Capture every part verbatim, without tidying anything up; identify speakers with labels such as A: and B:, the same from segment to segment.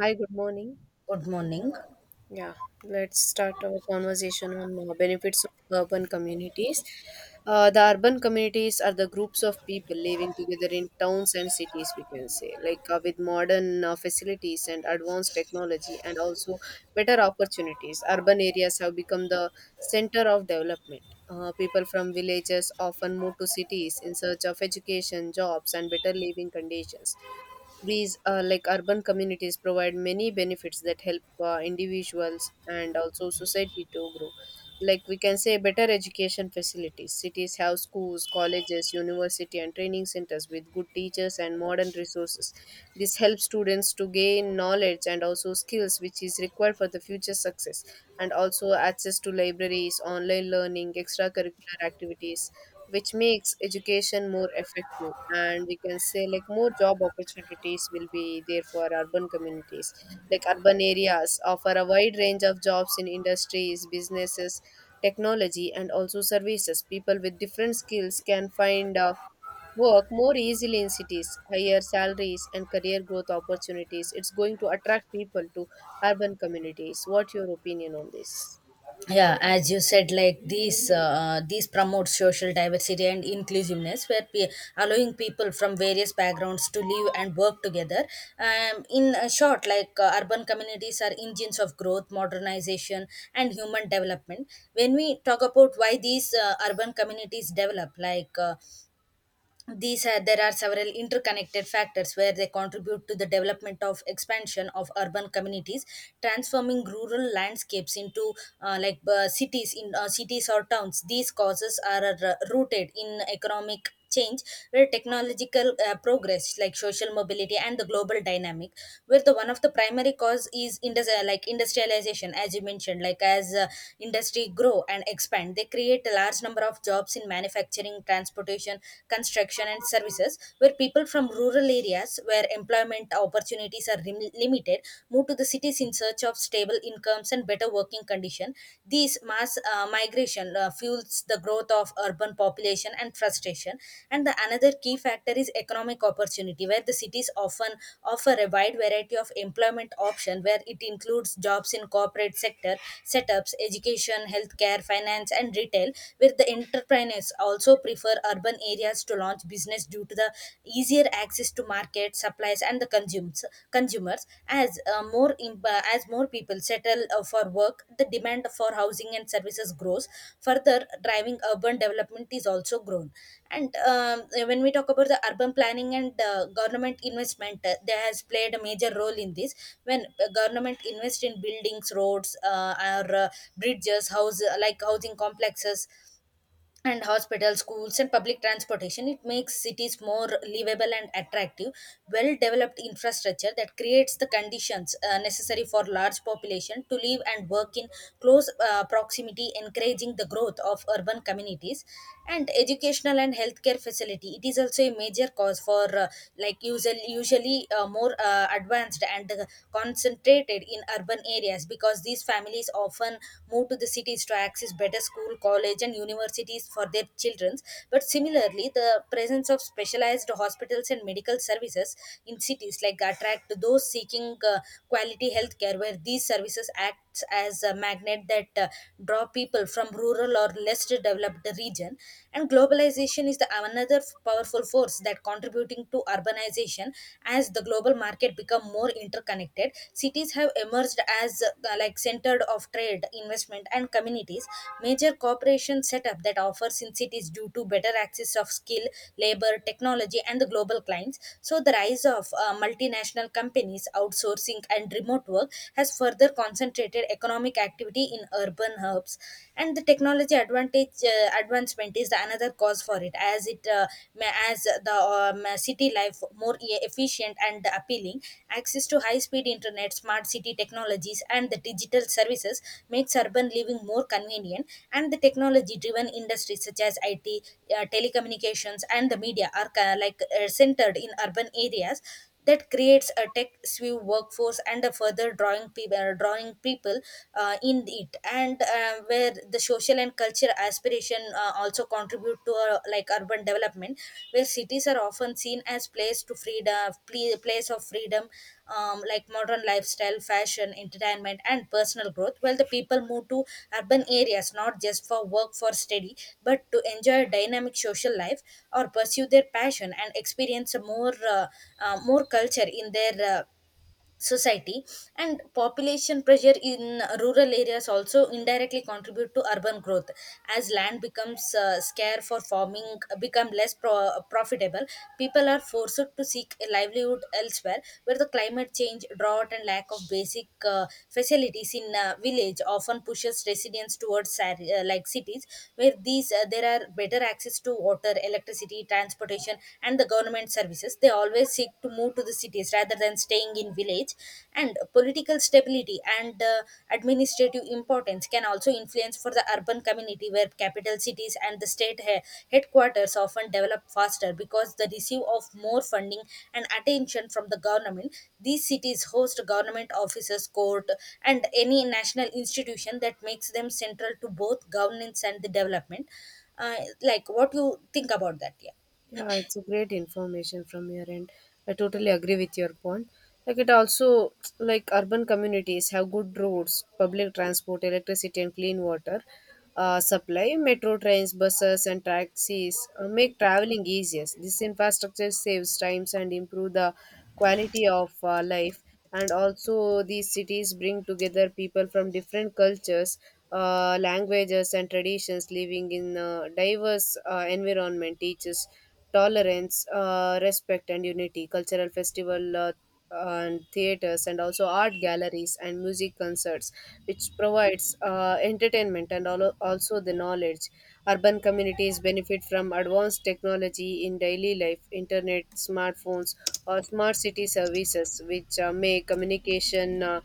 A: Hi, good morning.
B: Good morning.
A: Yeah, let's start our conversation on uh, benefits of urban communities. Uh, the urban communities are the groups of people living together in towns and cities, we can say, like uh, with modern uh, facilities and advanced technology and also better opportunities. Urban areas have become the center of development. Uh, people from villages often move to cities in search of education, jobs, and better living conditions. These uh, like urban communities provide many benefits that help uh, individuals and also society to grow. Like we can say better education facilities. Cities have schools, colleges, university and training centers with good teachers and modern resources. This helps students to gain knowledge and also skills which is required for the future success, and also access to libraries, online learning, extracurricular activities which makes education more effective. And we can say like more job opportunities will be there for urban communities. Like urban areas offer a wide range of jobs in industries, businesses, technology and also services. People with different skills can find uh, work more easily in cities. Higher salaries and career growth opportunities, it's going to attract people to urban communities. What your opinion on this?
B: Yeah, as you said, like these uh, these promote social diversity and inclusiveness, where pe- allowing people from various backgrounds to live and work together. Um, in a short, like uh, urban communities are engines of growth, modernization, and human development. When we talk about why these uh, urban communities develop, like uh, these are, there are several interconnected factors where they contribute to the development of expansion of urban communities, transforming rural landscapes into uh, like uh, cities in uh, cities or towns. These causes are uh, rooted in economic change, where technological uh, progress, like social mobility and the global dynamic, where the one of the primary cause is industri- like industrialization. As you mentioned, like as uh, industry grow and expand, they create a large number of jobs in manufacturing, transportation transportation, construction, and services, where people from rural areas where employment opportunities are rim- limited move to the cities in search of stable incomes and better working conditions. These mass uh, migration uh, fuels the growth of urban population and frustration. And the another key factor is economic opportunity, where the cities often offer a wide variety of employment options, where it includes jobs in corporate sector, setups, education, healthcare, finance, and retail, where the entrepreneurs entrepreneurs also prefer urban areas to launch business due to the easier access to market supplies and the consumers consumers. As uh, more imp- uh, as more people settle uh, for work, the demand for housing and services grows, further driving urban development is also grown. And um, when we talk about the urban planning and uh, government investment, uh, there has played a major role in this. When uh, government invest in buildings, roads, uh, or uh, bridges, house like housing complexes and hospitals, schools, and public transportation, it makes cities more livable and attractive. Well developed infrastructure that creates the conditions uh, necessary for large population to live and work in close uh, proximity, encouraging the growth of urban communities. And educational and healthcare facility, it is also a major cause for uh, like usually usually uh, more uh, advanced and uh, concentrated in urban areas, because these families often move to the cities to access better school, college, and universities for their children. But similarly, the presence of specialized hospitals and medical services in cities like attract those seeking uh, quality health care, where these services act acts as a magnet that uh, draw people from rural or less developed region. And globalization is the another f- powerful force that contributing to urbanization. As the global market become more interconnected, cities have emerged as uh, like centered of trade, investment, and communities. Major corporation setup that offers in cities due to better access of skill, labor, technology, and the global clients. So the rise of uh, multinational companies, outsourcing, and remote work has has further concentrated economic activity in urban hubs. And the technology advantage uh, advancement is the another cause for it, as it uh, ma- as the um, city life more e- efficient and appealing. Access to high speed internet, smart city technologies, and the digital services makes urban living more convenient, and the technology driven industries such as I T, uh, telecommunications, and the media are ca- like uh, centered in urban areas, that creates a tech skew workforce and a further drawing people drawing people uh, in it. And uh, where the social and cultural aspiration uh, also contribute to uh, like urban development, where cities are often seen as place to freedom ple- place of freedom, um, like modern lifestyle, fashion, entertainment, and personal growth, while the people move to urban areas not just for work, for study, but to enjoy a dynamic social life or pursue their passion and experience a more uh, uh, more culture in their uh, society. And population pressure in rural areas also indirectly contribute to urban growth, as land becomes uh, scarce, for farming become less pro- profitable, people are forced to seek a livelihood elsewhere, where the climate change, drought, and lack of basic uh, facilities in uh, village often pushes residents towards sar- uh, like cities, where these uh, there are better access to water, electricity, transportation, and the government services. They always always seek to move to the cities rather than staying in village. And political stability and uh, administrative importance can also influence for the urban community, where capital cities and the state he- headquarters often develop faster because they receive of more funding and attention from the government. These cities host government offices, court, and any national institution that makes them central to both governance and the development. uh, like what you think about that? Yeah,
A: Yeah, it's a great information from your end. I totally agree with your point. Like it also, like urban communities have good roads, public transport, electricity, and clean water uh, supply. Metro trains, buses, and taxis uh, make traveling easier. This infrastructure saves times and improve the quality of uh, life. And also, these cities bring together people from different cultures, uh, languages, and traditions, living in a diverse uh, environment. Teaches tolerance, uh, respect, and unity. Cultural festival uh, and theaters, and also art galleries and music concerts, which provides uh, entertainment and al- also the knowledge. Urban communities benefit from advanced technology in daily life, internet, smartphones, or smart city services, which uh, make communication Uh,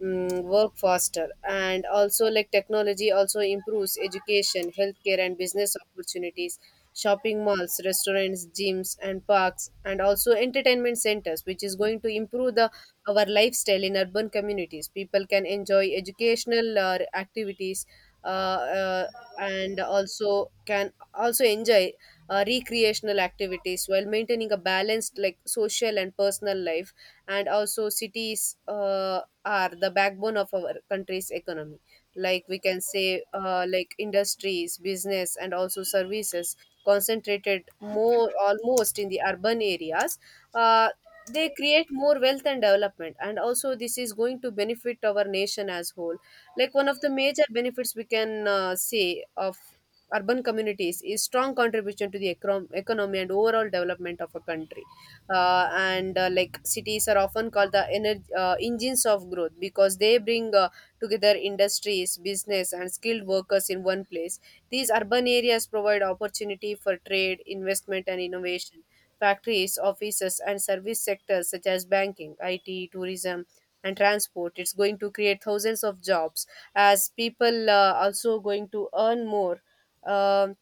A: mm, work faster. And also like technology also improves education, healthcare and business opportunities, shopping malls, restaurants, gyms and parks and also entertainment centers, which is going to improve the our lifestyle in urban communities. People can enjoy educational uh, activities, uh, uh, and also can also enjoy uh, recreational activities while maintaining a balanced like social and personal life. And also cities uh, are the backbone of our country's economy. Like we can say uh, like industries, business and also services concentrated more almost in the urban areas. uh, they create more wealth and development, and also this is going to benefit our nation as whole. Like one of the major benefits we can uh, say of urban communities is strong contribution to the econ- economy and overall development of a country. Uh, and uh, Like cities are often called the energy, uh, engines of growth because they bring uh, together industries, business and skilled workers in one place. These urban areas provide opportunity for trade, investment and innovation. Factories, offices and service sectors such as banking, it, tourism and transport, it's going to create thousands of jobs as people uh, also going to earn more, um,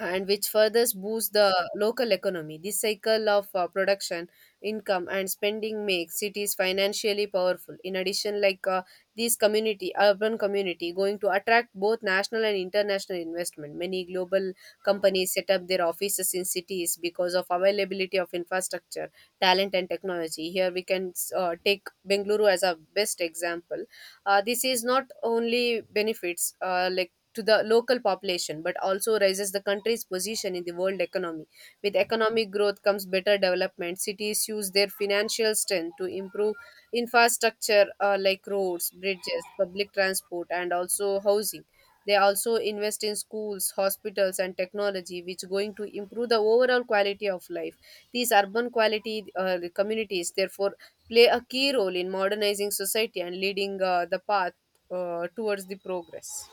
A: and which further boosts the local economy. This cycle of uh, production, income, and spending makes cities financially powerful. In addition, like uh, this community, urban community, going to attract both national and international investment. Many global companies set up their offices in cities because of availability of infrastructure, talent, and technology. Here we can uh, take Bengaluru as a best example. Uh, this is not only benefits uh, like to the local population, but also raises the country's position in the world economy. With economic growth comes better development. Cities use their financial strength to improve infrastructure uh, like roads, bridges, public transport, and also housing. They also invest in schools, hospitals, and technology, which going to improve the overall quality of life. These urban quality uh, communities, therefore, play a key role in modernizing society and leading uh, the path uh, towards the progress.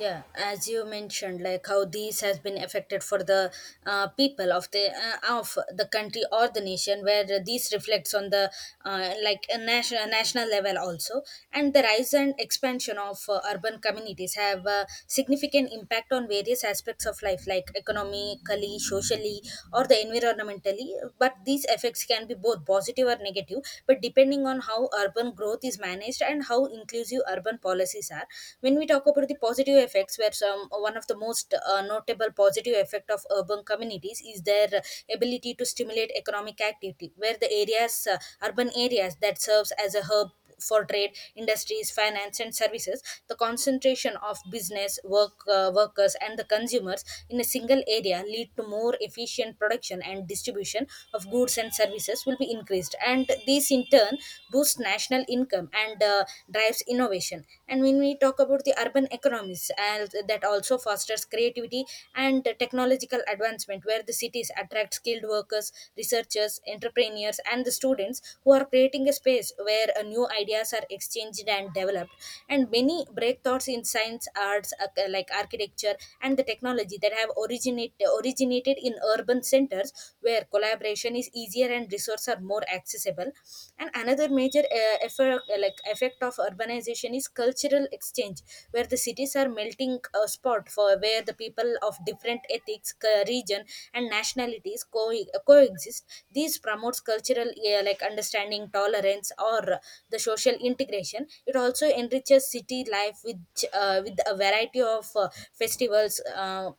B: yeah, as you mentioned, like how these has been affected for the uh, people of the uh, of the country or the nation, where these reflects on the uh, like a national national level also. And the rise and expansion of uh, urban communities have a significant impact on various aspects of life, like economically, socially, or the environmentally. But these effects can be both positive or negative, but depending on how urban growth is managed and how how inclusive urban policies are. When we talk about the positive effects, where some one of the most uh, notable positive effect of urban communities is their ability to stimulate economic activity, where the areas, uh, urban areas that serves as a hub for trade, industries, finance, and services. The concentration of business, work uh, workers, and the consumers in a single area lead to more efficient production and distribution of goods and services will be increased. and and this in turn boosts national income and uh, drives innovation. And when we talk about the urban economies, and that also fosters creativity and technological advancement, where the cities attract skilled workers, researchers, entrepreneurs, and the students who are creating a space where uh, new ideas are exchanged and developed. And many breakthroughs in science, arts, ac- like architecture, and the technology that have originate originated in urban centers, where collaboration is easier and resources are more accessible. And another major uh, effect, uh, like effect of urbanization is cultural exchange, where the cities are melting uh, spot for where the people of different ethics c- region and nationalities co- coexist. This promotes cultural uh, like understanding, tolerance, or uh, the social integration. It also enriches city life with uh, with a variety of uh, festivals, uh,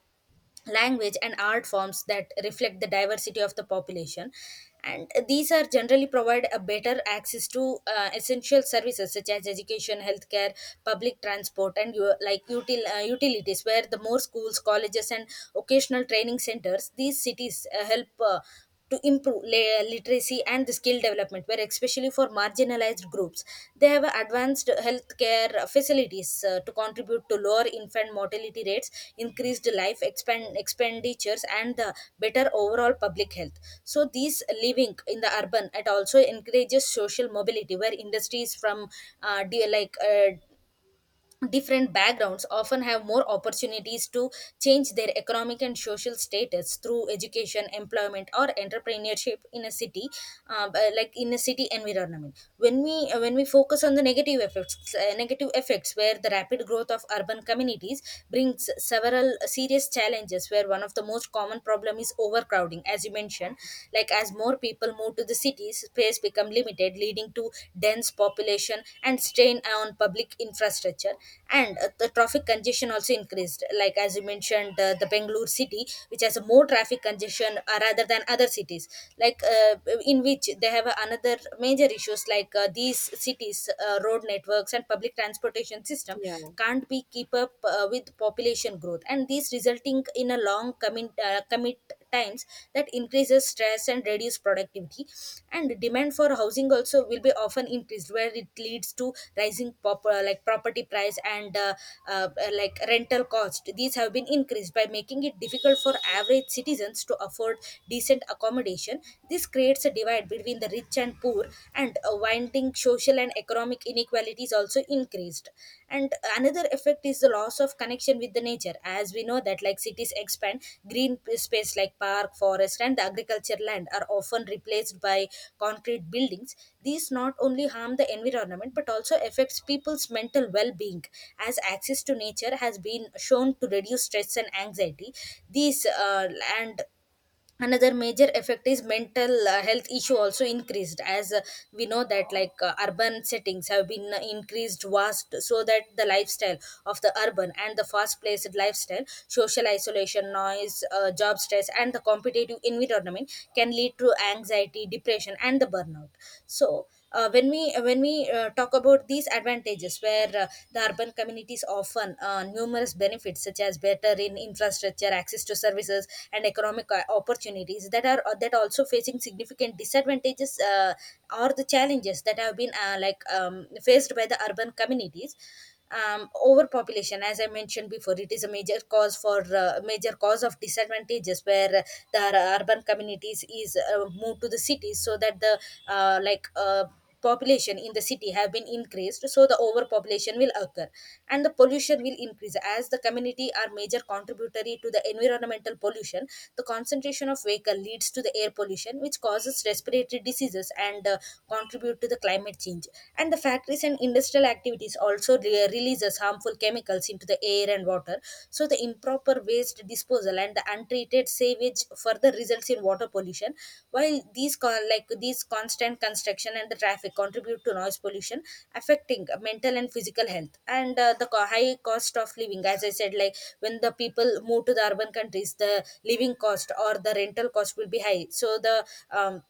B: language, and art forms that reflect the diversity of the population. And these are generally provide a better access to uh, essential services such as education, healthcare, public transport, and u- like util- uh, utilities, where the more schools, colleges, and occasional training centers, these cities uh, help uh, to improve la- literacy and the skill development, where especially for marginalized groups. They have advanced healthcare facilities uh, to contribute to lower infant mortality rates, increased life expand- expenditures, and the better overall public health. So these living in the urban, it also encourages social mobility, where industries from uh, de- like uh, different backgrounds often have more opportunities to change their economic and social status through education, employment, or entrepreneurship in a city, uh, b- like in a city environment. When we uh, when we focus on the negative effects, uh, negative effects where the rapid growth of urban communities brings several serious challenges, where one of the most common problem is overcrowding. As you mentioned, like as more people move to to the cities, space become limited, leading to dense population and strain on public infrastructure. And uh, the traffic congestion also increased. Like as you mentioned, uh, the Bangalore city, which has more traffic congestion uh, rather than other cities, like uh, in which they have another major issues like uh, these cities, uh, road networks and public transportation system
A: Yeah.
B: can't be keep up uh, with population growth, and these resulting in a long commit uh, commit times that increases stress and reduce productivity. And demand for housing also will be often increased where it leads to rising pop- uh, like property price and uh, uh, like rental cost these have been increased by making it difficult for average citizens to afford decent accommodation. This creates a divide between the rich and poor. And uh, widening social and economic inequalities it is also increased. And another effect is the loss of connection with the nature. As we know that like cities expand, green p- space like park forest and the agriculture land are often replaced by concrete buildings. These not only harm the environment but also affects people's mental well-being, as access to nature has been shown to reduce stress and anxiety. These uh, and another major effect is mental uh, health issue also increased. As uh, we know that like uh, urban settings have been uh, increased vast, so that the lifestyle of the urban and the fast paced lifestyle, social isolation, noise, uh, job stress, and the competitive environment can lead to anxiety, depression, and the burnout. So uh, when we uh, when we uh, talk about these advantages, where uh, the urban communities often uh, numerous benefits such as better in infrastructure, access to services, and economic uh, opportunities, that are uh, that also facing significant disadvantages, uh, or the challenges that have been uh, like um, faced by the urban communities. Um, overpopulation, as I mentioned before, it is a major cause for uh, major cause of disadvantages, where uh, the ur- urban communities is uh, moved to the cities, so that the uh, like uh, population in the city have been increased, so the overpopulation will occur. And the pollution will increase as the community are major contributory to the environmental pollution. The concentration of vehicle leads to the air pollution which causes respiratory diseases and uh, contribute to the climate climate change. And the factories and industrial activities also re- releases harmful chemicals into the air and water. So the improper waste disposal and the untreated sewage further results in water pollution. While these con- like these constant construction and the traffic contribute to noise pollution, affecting mental and physical health. And uh, the co- high cost of living, as I said, like when the people move to the urban countries, the living cost or the rental cost will be high. So the um,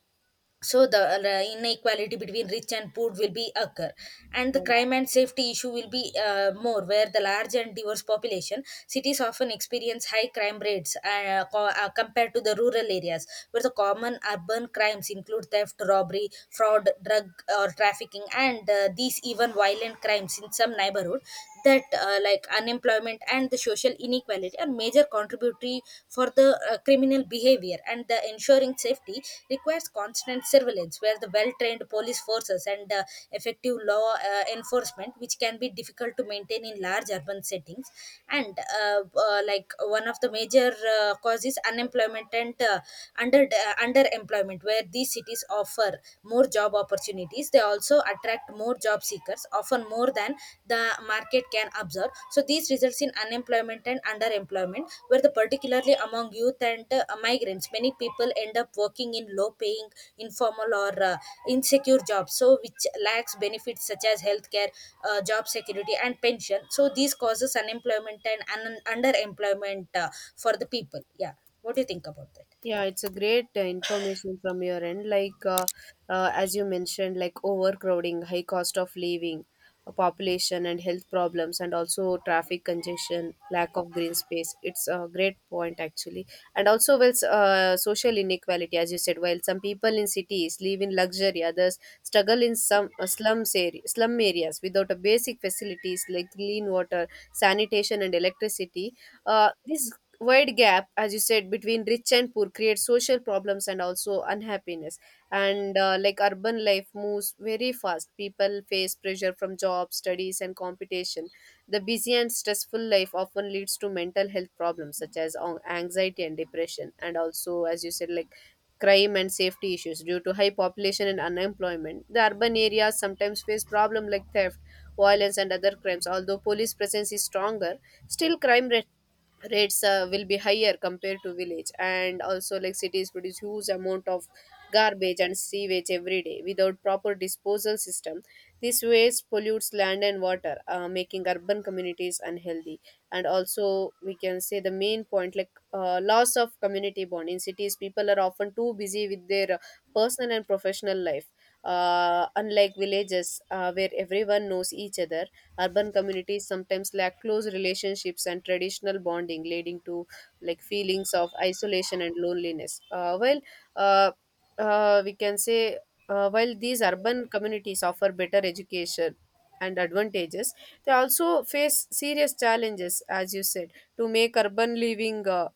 B: so the uh, inequality between rich and poor will be occur. And the
A: Yeah,
B: crime and safety issue will be uh, more, where the large and diverse population cities often experience high crime rates uh, co- uh, compared to the rural areas, where the common urban crimes include theft, robbery, fraud, drug or trafficking, and uh, these even violent crimes in some neighborhood. That uh, like unemployment and the social inequality responsibility are major contributory for the uh, criminal behavior, and the ensuring safety requires constant surveillance, where the well-trained police forces and uh, effective law uh, enforcement which can be difficult to maintain in large urban settings. And uh, uh, like one of the major uh, causes unemployment and uh, under uh, underemployment. Where these cities offer more job opportunities, they also attract attract more job seekers, often more than the market can absorb. So this results in unemployment and underemployment, where the particularly among youth and uh, migrants, many people end up working in low-paying, informal, or uh, insecure jobs, so which lacks benefits such as healthcare, uh, job security, and pension. So this causes unemployment and un- underemployment uh, for the people. Yeah, what do you think about that?
A: yeah, it's a great uh, information from your end. Like, uh, uh, as you mentioned, like overcrowding, high cost of living, uh, population and health problems, and also traffic congestion, lack of green space. It's a great point, actually. And also, well, s- uh, social inequality, as you said, while some people in cities live in luxury, others struggle in some uh, slums area, slum areas without a basic facilities like clean water, sanitation, and electricity. Uh, this wide gap, as you said, between rich and poor creates social problems and also unhappiness. And uh, like Urban life moves very fast. People face pressure from jobs, studies and competition. The busy and stressful life often leads to mental health problems such as an- anxiety and depression. And also, as you said, like crime and safety issues. Due to high population and unemployment, the urban areas sometimes face problem like theft, violence and other crimes. Although police presence is stronger, still crime rate rates uh, will be higher compared to village. And also, like cities produce huge amount of garbage and sewage every day. Without proper disposal system, this waste pollutes land and water, uh, making urban communities unhealthy. And also we can say the main point, like uh, loss of community bond. In cities, people are often too busy with their uh, personal and professional life. Uh, unlike villages, uh, where everyone knows each other, urban communities sometimes lack close relationships and traditional bonding, leading to like feelings of isolation and loneliness. uh, well uh, uh, we can say uh, while these urban communities offer better education and advantages, they also face serious challenges, as you said. To make urban living uh,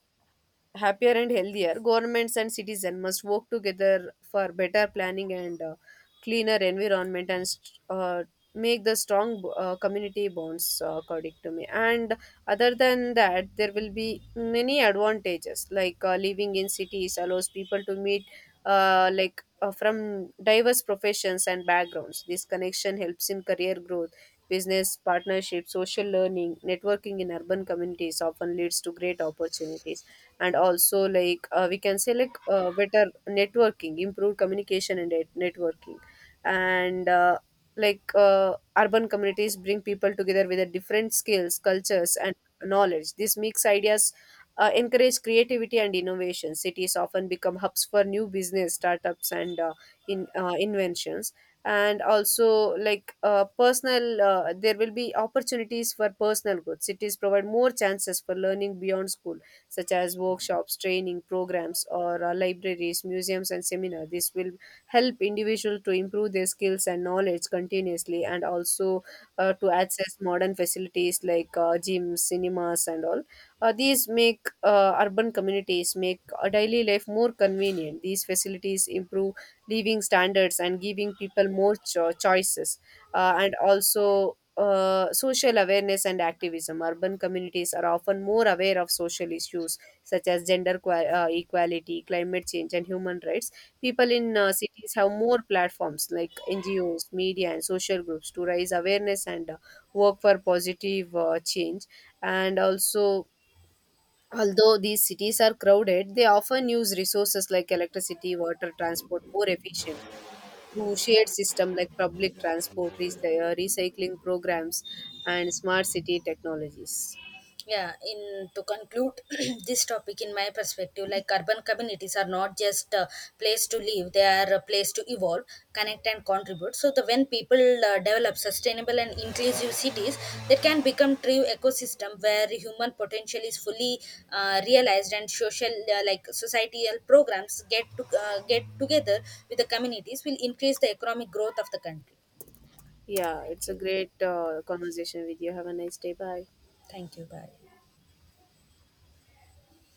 A: happier and healthier, governments and citizens must work together for better planning and uh, cleaner environment and st- uh, make the strong uh, community bonds, uh, according to me. And other than that, there will be many advantages. Like uh, living in cities allows people to meet uh, like uh, from diverse professions and backgrounds. This connection helps in career growth, business partnerships, social learning. Networking in urban communities often leads to great opportunities. And also, like uh, we can say like uh, better networking, improved communication and net- networking. And uh, like uh, Urban communities bring people together with a different skills, cultures and knowledge. This mix ideas, uh, encourage creativity and innovation. Cities often become hubs for new business startups and uh, in uh, inventions. And also, like uh, personal uh, there will be opportunities for personal growth. Cities provide more chances for learning beyond school, such as workshops, training programs, or uh, libraries, museums, and seminars. This will help individuals to improve their skills and knowledge continuously, and also uh, to access modern facilities like uh, gyms, cinemas, and all. Uh, these make uh, urban communities make a daily life more convenient. These facilities improve living standards and giving people more cho- choices. Uh, and also uh, Social awareness and activism. Urban communities are often more aware of social issues such as gender qua- uh, equality, climate change, and human rights. People in uh, cities have more platforms like N G Os, media, and social groups to raise awareness and uh, work for positive uh, change. And also, although these cities are crowded, they often use resources like electricity, water, transport more efficiently through shared system like public transport, re- uh, recycling programs, and smart city technologies.
B: Yeah, in to conclude this topic, in my perspective, like urban communities are not just a place to live, they are a place to evolve, connect, and contribute. So the when people uh, develop sustainable and inclusive cities, they can become true ecosystem where human potential is fully uh, realized, and social uh, like societal programs get to uh, get together with the communities will increase the economic growth of the country.
A: Yeah,
B: Thank
A: it's a
B: you.
A: great uh, conversation with you. Have a nice day. Bye.
B: Thank you. Bye.